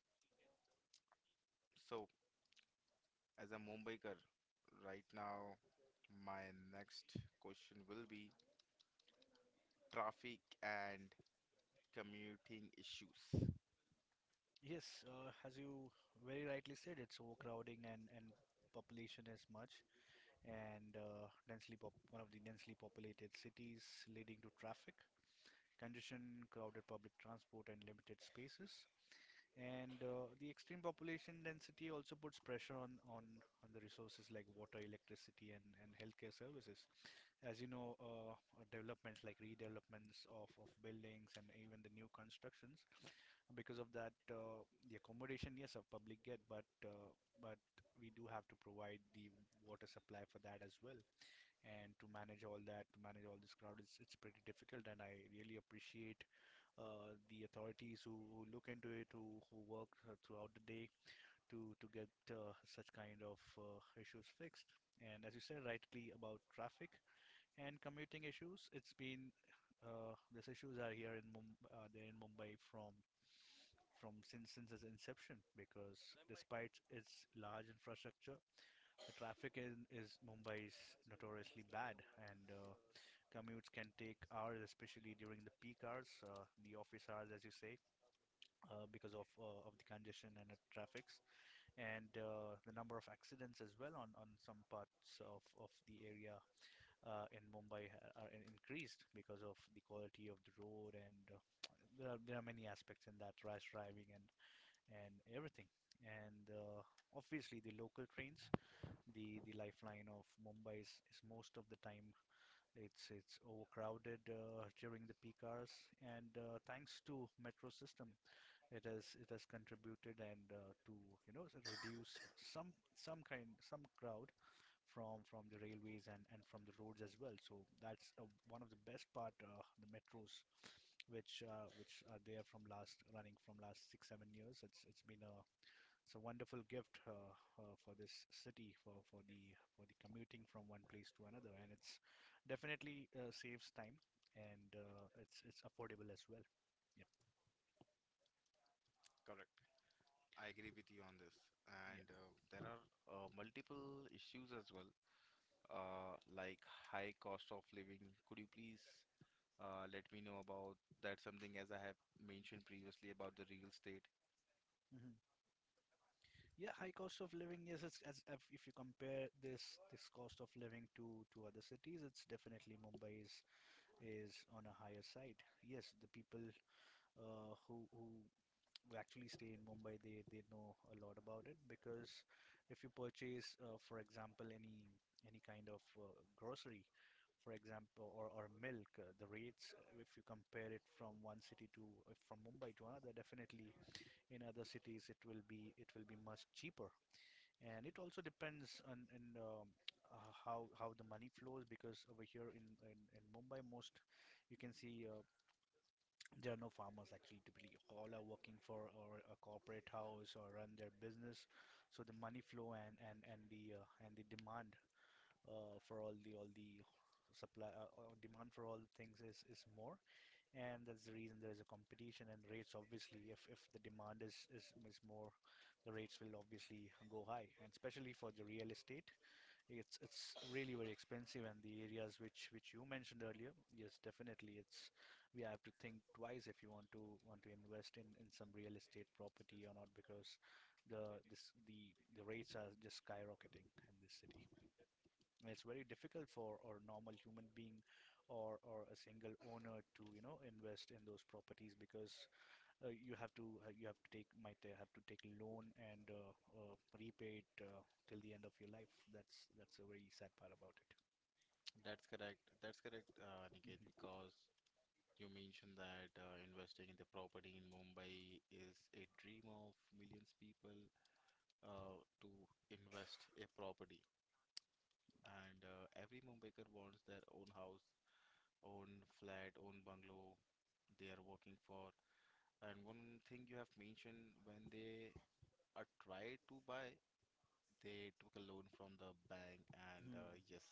[SPEAKER 1] so as a Mumbaiker, right now my next question will be traffic and commuting issues.
[SPEAKER 2] Yes. As you very rightly said, it's overcrowding and population is much, and densely pop one of the densely populated cities, leading to traffic congestion, crowded public transport, and limited spaces. And the extreme population density also puts pressure on the resources like water, electricity, and healthcare services. As you know, developments like redevelopments of buildings and even the new constructions, because of that, the accommodation, yes, of public get, but but we do have to provide the water supply for that as well, and to manage all that, to manage all this crowd, it's pretty difficult, and I really appreciate the authorities who look into it, who work throughout the day to get such kind of issues fixed. And as you said rightly about traffic and commuting issues, it's been these issues are here in Mumbai, they're in Mumbai from since its inception, because despite its large infrastructure, the traffic in is Mumbai is notoriously bad, and commutes can take hours, especially during the peak hours, the office hours, as you say, because of the congestion and the traffics, and the number of accidents as well on some parts of the area in Mumbai are increased because of the quality of the road, and there are many aspects in that, rash driving and everything, and obviously the local trains, the lifeline of Mumbai, is most of the time it's overcrowded during the peak hours. And thanks to metro system, it has contributed, and to, you know, reduce some kind, some crowd from the railways and from the roads as well. So that's one of the best part, the metros, which are there from last, running from last 6 7 years. It's been a, it's a wonderful gift for this city, for for the commuting from one place to another, and it's definitely saves time, and it's affordable as well. Yep.
[SPEAKER 1] Correct. I agree with you on this. And
[SPEAKER 2] Yep.
[SPEAKER 1] There are multiple issues as well, like high cost of living. Could you please let me know about that? Something as I have mentioned previously about the real estate.
[SPEAKER 2] Hmm. Yeah, high cost of living, yes, it's, as if you compare this cost of living to other cities, it's definitely Mumbai is on a higher side. Yes, the people uh, who who who actually stay in Mumbai, they know a lot about it, because if you purchase, for example, any kind of grocery, for example, or milk, the rates, if you compare it from one city to, from Mumbai to another, definitely in other cities it will be, it will be much cheaper. And it also depends on, in how the money flows, because over here in in Mumbai, most, you can see there are no farmers actually, typically all are working for, or a corporate house, or run their business. So the money flow and and the and the demand for all the supply, demand for all things is more, and that's the reason there's a competition, and rates obviously, if the demand is more, the rates will obviously go high. And especially for the real estate, it's really very expensive, and the areas which you mentioned earlier, yes, definitely it's, we have to think twice if you want to invest in some real estate property or not, because the this the rates are just skyrocketing in this city. It's very difficult for a normal human being, or a single owner to, you know, invest in those properties, because you have to take, might have to take loan, and repay it till the end of your life. That's a very sad part about it.
[SPEAKER 1] That's correct. That's correct, Niket,
[SPEAKER 2] Mm-hmm.
[SPEAKER 1] because you mentioned that investing in the property in Mumbai is a dream of millions people to invest a property. And every homemaker wants their own house, own flat, own bungalow they are working for. And one thing you have mentioned, when they are tried to buy, they took a loan from the bank, and
[SPEAKER 2] Mm-hmm.
[SPEAKER 1] yes,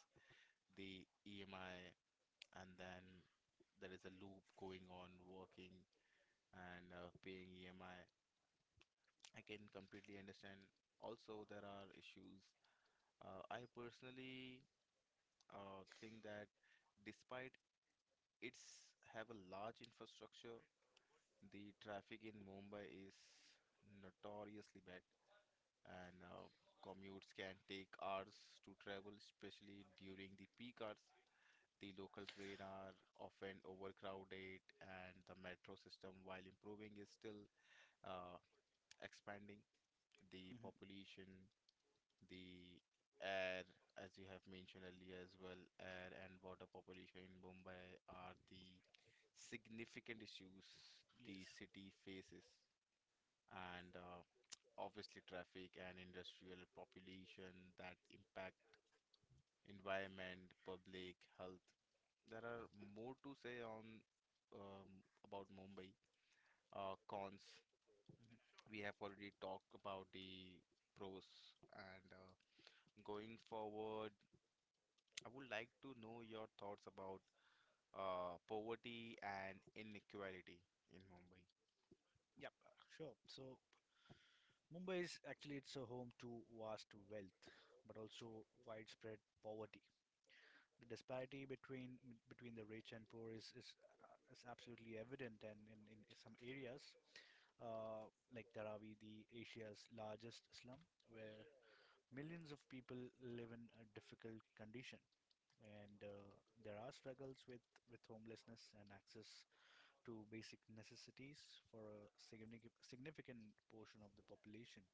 [SPEAKER 1] the EMI, and then there is a loop going on, working and paying EMI. I can completely understand. Also, there are issues. I personally think that despite It's have a large infrastructure, the traffic in Mumbai is notoriously bad, and commutes can take hours to travel, especially during the peak hours. The local train are often overcrowded, and the metro system, while improving, is still uh, expanding. The population the air, as you have mentioned earlier as well, air and water population in Mumbai are the significant issues the
[SPEAKER 2] Yes.
[SPEAKER 1] city faces, and obviously traffic and industrial population that impact environment, public health. There are more to say on about Mumbai. Cons.
[SPEAKER 2] Mhm.
[SPEAKER 1] We have already talked about the pros and going forward I would like to know your thoughts about poverty and inequality in Mumbai.
[SPEAKER 2] Yep, sure. So Mumbai is actually, it's a home to vast wealth, but also widespread poverty. The disparity between the rich and poor is absolutely evident, and in some areas, uh, like Dharavi, the Asia's largest slum, where millions of people live in a difficult condition, and there are struggles with homelessness and access to basic necessities for a significant portion of the population.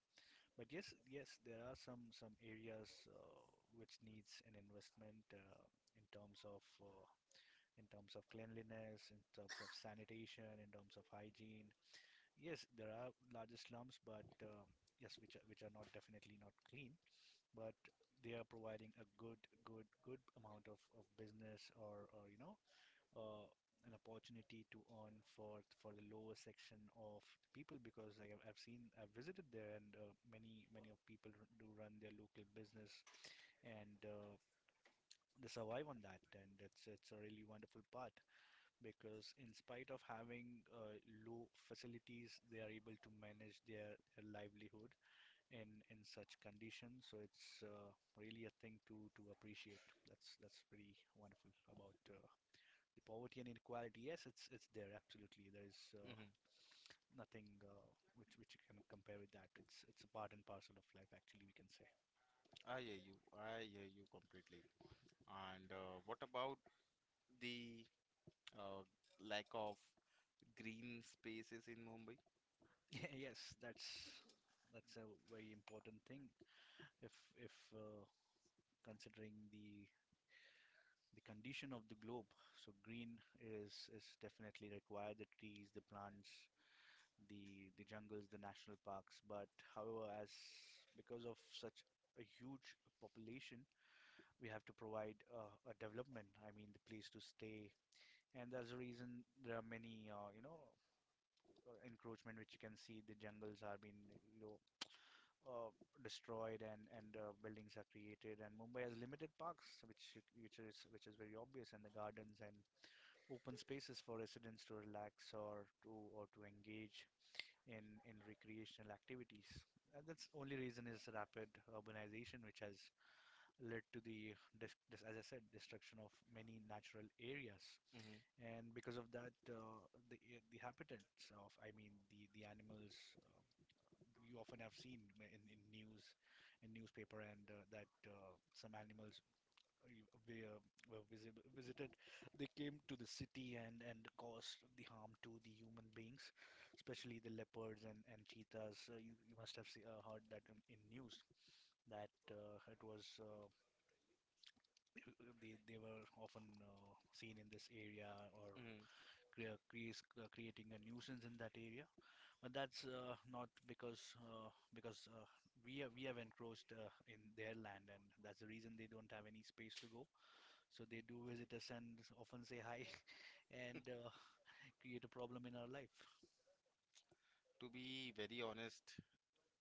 [SPEAKER 2] But yes, yes, there are some areas which needs an investment, in terms of uh, in terms of cleanliness, in terms of sanitation, in terms of hygiene. Yes, there are larger slums, but yes, which are not, definitely not clean, but they are providing a good good amount of business, or you know, uh, an opportunity to earn for the lower section of the people, because I've seen, I've visited there, and many of people do run their local business, and they survive on that, and it's a really wonderful part, because in spite of having low facilities, they are able to manage their livelihood in such conditions. So it's really a thing to appreciate. That's pretty wonderful. About the poverty and inequality, yes, it's there absolutely. There is
[SPEAKER 1] Hmm
[SPEAKER 2] nothing which you can compare with that. It's a part and parcel of life, actually, we can say. <laughs>
[SPEAKER 1] I hear you. I hear you completely. And What about the uh, lack of green spaces in Mumbai?
[SPEAKER 2] Yeah, yes, that's a very important thing. If Considering the condition of the globe, so green is definitely required. The trees, the plants, the jungles, the national parks. But however, as because of such a huge population, we have to provide a development. I mean, the place to stay. And that's the reason there are many, encroachment which you can see. The jungles are being, you know, uh, destroyed, and buildings are created. And Mumbai has limited parks, which is very obvious, and the gardens and open spaces for residents to relax or to engage in recreational activities. And that's only reason is rapid urbanization, which has led to the, as I said, destruction of many natural areas.
[SPEAKER 1] Hmm
[SPEAKER 2] And because of that, the habitats of, I mean, the animals, you often have seen in news, in newspaper, and that some animals uh, were, were visited. They came to the city and caused the harm to the human beings, especially the leopards and cheetahs. You must have see, heard that in news that it was. They were often seen in this area or
[SPEAKER 1] hmm
[SPEAKER 2] crea- creates creating a nuisance in that area. But that's not because we have encroached in their land, and that's the reason they don't have any space to go. So they do visit us and often say hi, <laughs> and create a problem in our life.
[SPEAKER 1] To be very honest,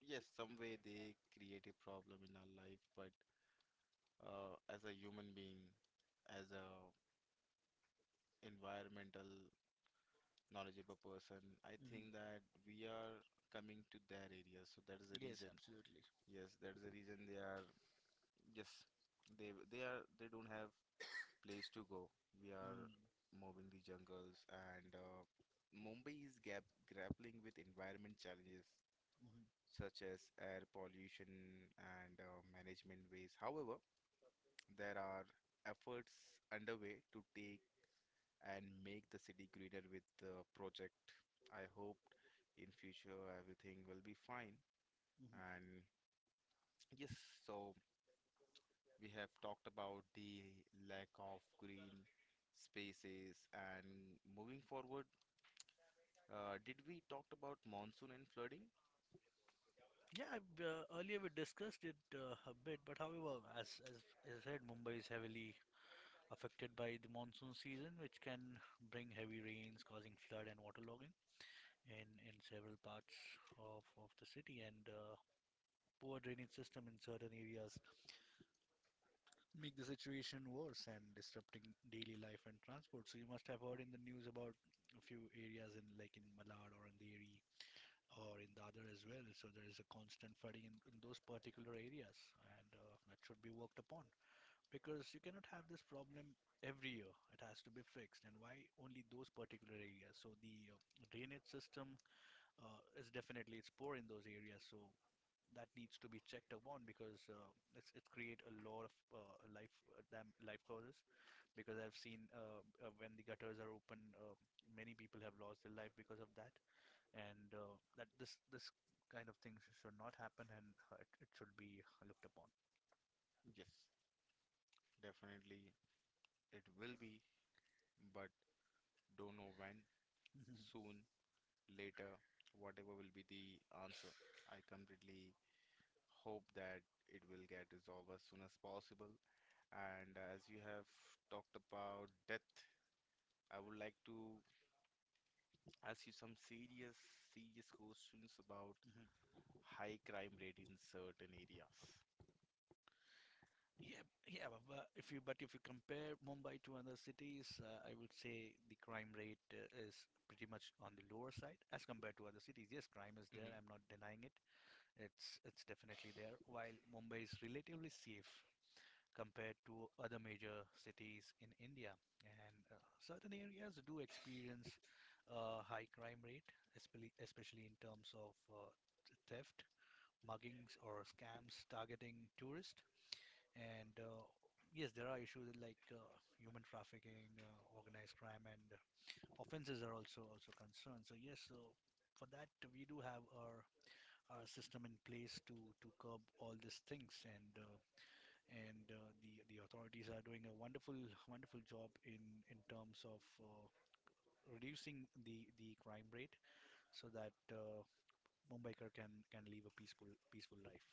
[SPEAKER 1] yes, some way they create a problem in our life, but as a human being, as a environmental knowledgeable person. I think
[SPEAKER 2] Hmm
[SPEAKER 1] that we are coming to their area, so that is the
[SPEAKER 2] Yes,
[SPEAKER 1] reason.
[SPEAKER 2] absolutely.
[SPEAKER 1] Yes, that is the reason they are just they don't have place to go. We are
[SPEAKER 2] Mm-hmm.
[SPEAKER 1] moving the jungles, and Mumbai is gap grappling with environment challenges such as air pollution and management waste. However, there are efforts underway to take and make the city greener with the project. I hope in future everything will be fine.
[SPEAKER 2] hmm
[SPEAKER 1] And yes, so we have talked about the lack of green spaces and moving forward, did we talked about monsoon and flooding?
[SPEAKER 2] Yeah, I've, earlier we discussed it a bit, but however, as I said, Mumbai is heavily affected by the monsoon season, which can bring heavy rains, causing flood and waterlogging in several parts of the city. And poor drainage system in certain areas make the situation worse and disrupting daily life and transport. So you must have heard in the news about a few areas in like in Malad or in Andheri or in Dadar as well. So there is a constant flooding in those particular areas, and that should be worked upon, because you cannot have this problem every year. It has to be fixed. And why only those particular areas? So the drainage system is definitely it's poor in those areas, so that needs to be checked upon, because it's it create a lot of life dam life causes, because I've seen when the gutters are open, many people have lost their life because of that. And that this kind of things should not happen, and it, it should be looked upon.
[SPEAKER 1] Yes, definitely it will be, but don't know when, soon, later, whatever will be the answer. I completely hope that it will get resolved as soon as possible. And As you have talked about death, I would like to ask you some serious, serious questions about
[SPEAKER 2] <laughs>
[SPEAKER 1] high crime rate in certain areas.
[SPEAKER 2] Yeah, yeah, but if you compare Mumbai to other cities, I would say the crime rate is pretty much on the lower side as compared to other cities. Yes, crime is there.
[SPEAKER 1] Hmm
[SPEAKER 2] I'm not denying it. It's definitely there. While Mumbai is relatively safe compared to other major cities in India, and certain areas do experience a high crime rate, especially in terms of theft, muggings, or scams targeting tourists. And yes, there are issues like human trafficking, organized crime, and offenses are also concerned. So yes, so for that we do have our system in place to curb all these things, and the authorities are doing a wonderful job in terms of. Reducing the crime rate so that Mumbaikar can live a peaceful life.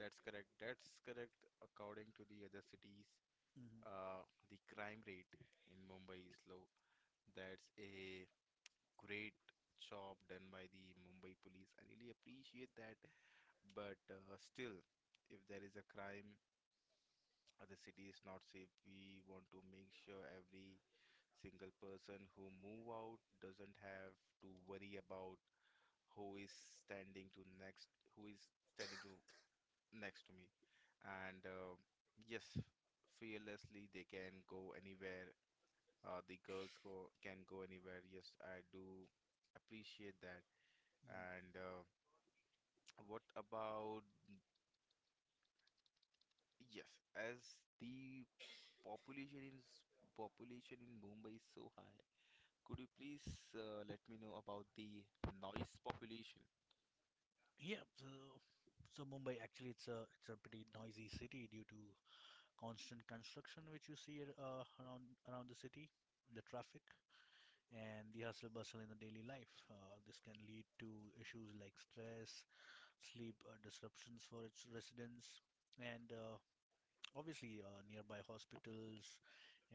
[SPEAKER 1] That's correct. That's correct. According to the other cities,
[SPEAKER 2] Mhm.
[SPEAKER 1] uh, the crime rate in Mumbai is low. That's a great job done by the Mumbai police. I really appreciate that. But still, if there is a crime, the city is not safe. We want to make sure every single person who move out doesn't have to worry about who is standing to next, who is standing to next to me. And Yes, fearlessly they can go anywhere. The girls go can go anywhere. Yes, I do appreciate that. And What about yes, as the population in population in Mumbai is so high. Could you please let me know about the noise population?
[SPEAKER 2] Yeah, so so Mumbai actually it's a pretty noisy city due to constant construction which you see around the city, the traffic and the hustle bustle in the daily life. This can lead to issues like stress, sleep disruptions for its residents, and obviously nearby hospitals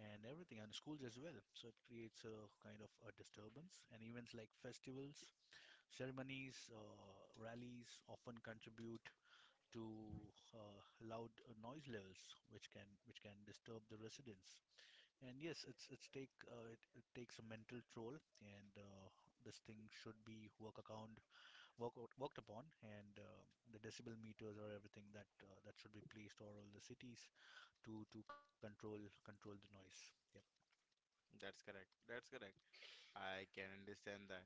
[SPEAKER 2] and everything and schools as well. So it creates a kind of a disturbance, and events like festivals, ceremonies, rallies often contribute to loud noise levels, which can disturb the residents. And yes, it, it takes a mental toll, and this thing should be work account work worked upon, and the decibel meters or everything that that should be placed all over the cities to control the noise. Yep.
[SPEAKER 1] That's correct. That's correct. I can understand that.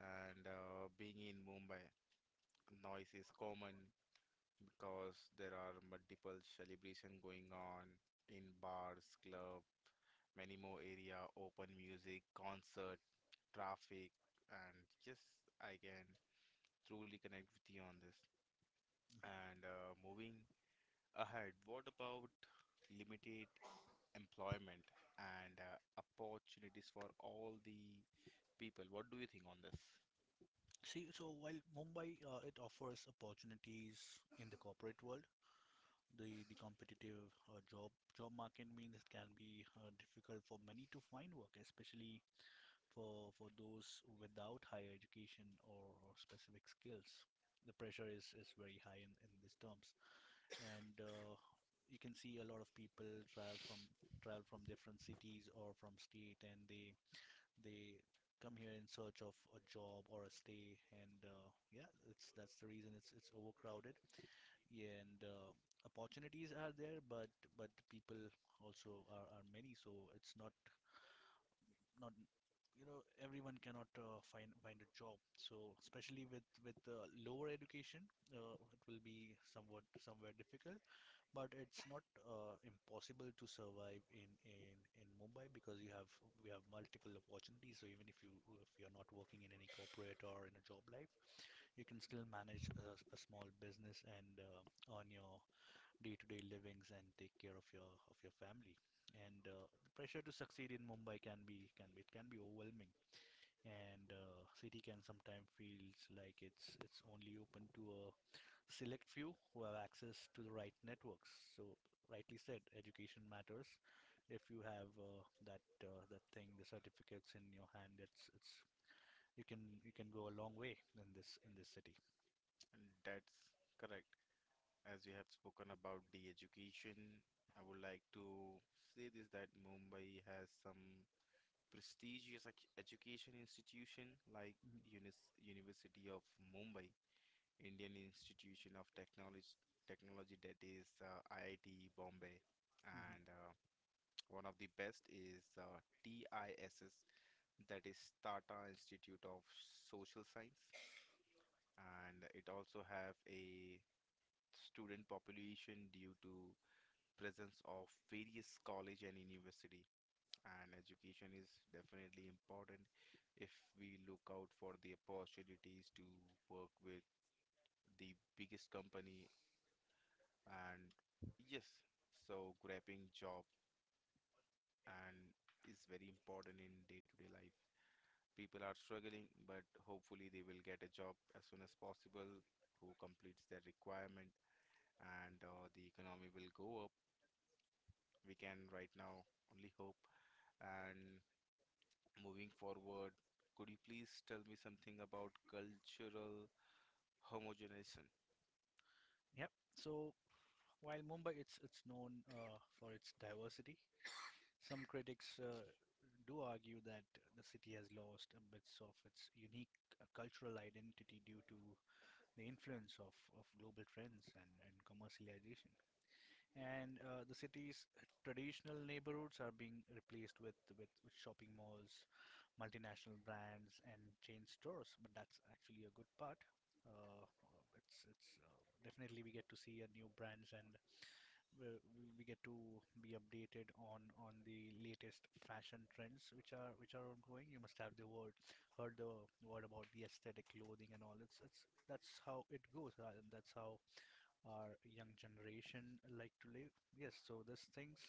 [SPEAKER 1] And Being in Mumbai, noise is common because there are multiple celebration going on in bars, club, many more area, open music, concert, traffic, and just I can truly connect with you on this.
[SPEAKER 2] Mhm.
[SPEAKER 1] And Moving ahead, what about limited employment and opportunities for all the people. What do you think on this?
[SPEAKER 2] See, so while Mumbai it offers opportunities in the corporate world, the competitive job market means it can be difficult for many to find work, especially for those without higher education or specific skills. The pressure is very high in these terms, and you can see a lot of people travel from different cities or from state, and they they come here in search of a job or a stay, and yeah, it's that's the reason it's overcrowded, yeah, and opportunities are there, but people also are many, so it's not not you know everyone cannot find a job. So especially with lower education, it will be somewhat somewhere difficult, but it's not impossible to survive in Mumbai because you have we have multiple opportunities. So even if you if you're not working in any corporate or in a job life, you can still manage a small business and earn your day-to-day livings and take care of your family. And the pressure to succeed in Mumbai can be it can be overwhelming, and city can sometimes feels like it's only open to a select few who have access to the right networks. So rightly said, education matters. If you have that thing, the certificates in your hand, it's you can go a long way in this city.
[SPEAKER 1] That's correct. As we have spoken about the education, I would like to say this that Mumbai has some prestigious education institution like
[SPEAKER 2] Mhm,
[SPEAKER 1] Unis University of Mumbai, Indian Institution of Technology, Technology that is IIT Bombay,
[SPEAKER 2] mhm.
[SPEAKER 1] and one of the best is TISS that is Tata Institute of Social Science, and it also have a student population due to presence of various college and university, and education is definitely important if we look out for the opportunities to work with the biggest company, and yes, so grabbing job and is very important in day-to-day life. People are struggling, but hopefully they will get a job as soon as possible who completes their requirement and the economy will go up. We can right now only hope. And moving forward, could you please tell me something about cultural homogenization?
[SPEAKER 2] Yep. So while Mumbai it's known for its diversity, some critics do argue that the city has lost a bit of its unique cultural identity due to the influence of global trends and commercialization. And the city's traditional neighborhoods are being replaced with shopping malls, multinational brands, and chain stores. But that's actually a good part. It's definitely we get to see a new brands and we get to be updated on the latest fashion trends which are ongoing. You must have the word heard the word about the aesthetic clothing and all. It's that's how it goes. And that's how our young generation like to live. Yes, so these things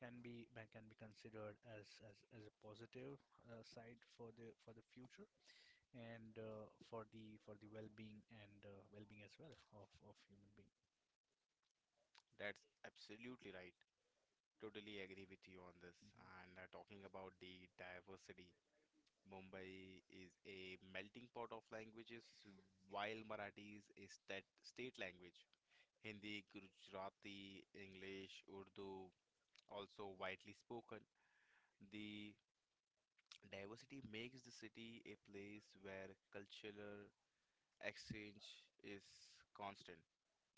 [SPEAKER 2] can be considered as as a positive side for the future and for the well-being and well-being as well of human being.
[SPEAKER 1] That's absolutely right. Totally agree with you on this.
[SPEAKER 2] Mhm.
[SPEAKER 1] And Talking about the diversity, Mumbai is a melting pot of languages, while Marathi is a state language. Hindi, Gujarati, English, Urdu, also widely spoken. The diversity makes the city a place where cultural exchange is constant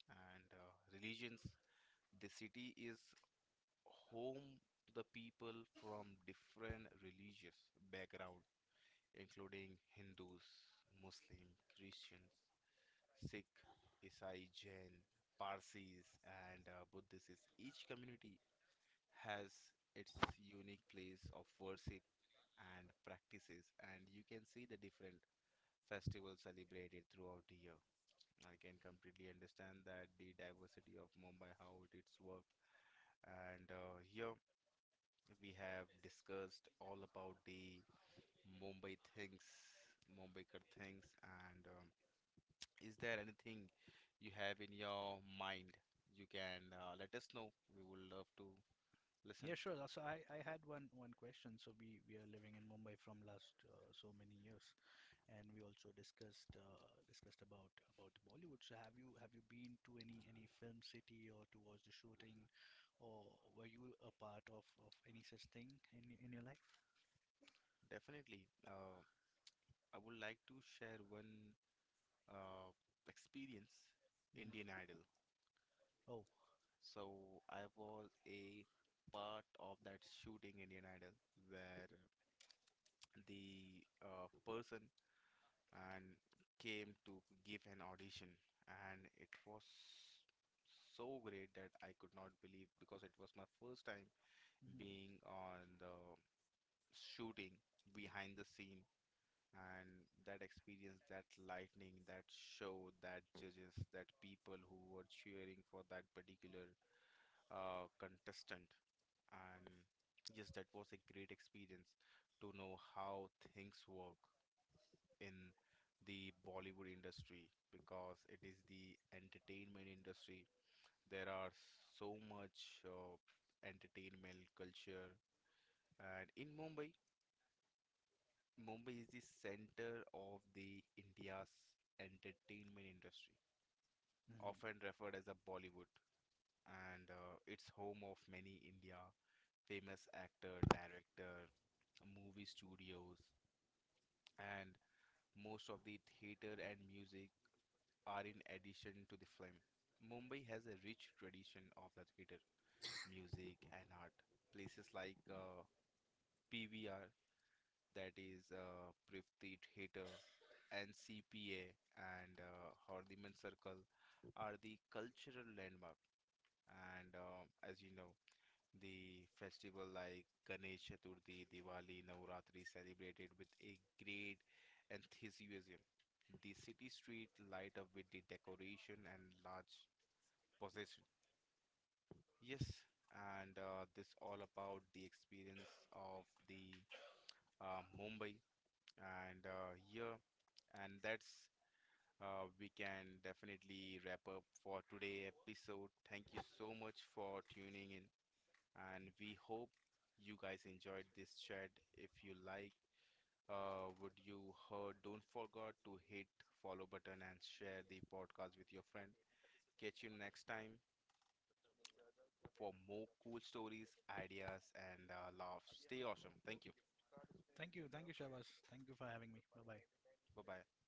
[SPEAKER 1] and religions. The city is home to the people from different religious background, including Hindus, Muslim, Christians, Sikh, Isai, Jain, Parsis, and Buddhists. Each community has its unique place of worship and practices, and you can see the different festivals celebrated throughout the year. I can completely understand that the diversity of Mumbai, how it's worked, and here we have discussed all about the Mumbai things, Mumbaikar things, and is there anything you have in your mind? You can let us know. We would love to listen.
[SPEAKER 2] Yeah, sure. So I had one question. So we are living in Mumbai from last so many years, and we also discussed discussed about Bollywood. So have you been to any film city or to watch the shooting, or were you a part of any such thing in in your life?
[SPEAKER 1] Definitely. I would like to share one uh, experience,
[SPEAKER 2] Hmm
[SPEAKER 1] Indian Idol.
[SPEAKER 2] Oh.
[SPEAKER 1] So I was a part of that shooting Indian Idol where the person and came to give an audition, and it was so great that I could not believe because it was my first time
[SPEAKER 2] hmm
[SPEAKER 1] being on the shooting behind the scene and that experience, that lightning, that show, that judges, that people who were cheering for that particular contestant. And yes, that was a great experience to know how things work in the Bollywood industry because it is the entertainment industry. There are so much entertainment culture, and in Mumbai. Mumbai is the center of the India's entertainment industry,
[SPEAKER 2] hmm
[SPEAKER 1] often referred as a Bollywood, and it's home of many India famous actor, director, movie studios, and most of the theater and music are in addition to the film. Mumbai has a rich tradition of the theater, music, and art. Places like PVR that is Prithviraj Heater and CPA and Hardiman Circle are the cultural landmark. And As you know, the festival like Ganesh Chaturthi, Diwali, Navratri celebrated with a great enthusiasm. The city street light up with the decoration and large possession. Yes, and this all about the experience of the Mumbai. And Yeah, and that's we can definitely wrap up for today episode. Thank you so much for tuning in, and we hope you guys enjoyed this chat. If you like, would you heard? Don't forget to hit follow button and share the podcast with your friend. Catch you next time for more cool stories, ideas, and laughs. Stay awesome. Thank you.
[SPEAKER 2] Thank you, Shabas. Thank you for having me. Bye bye.
[SPEAKER 1] Bye bye.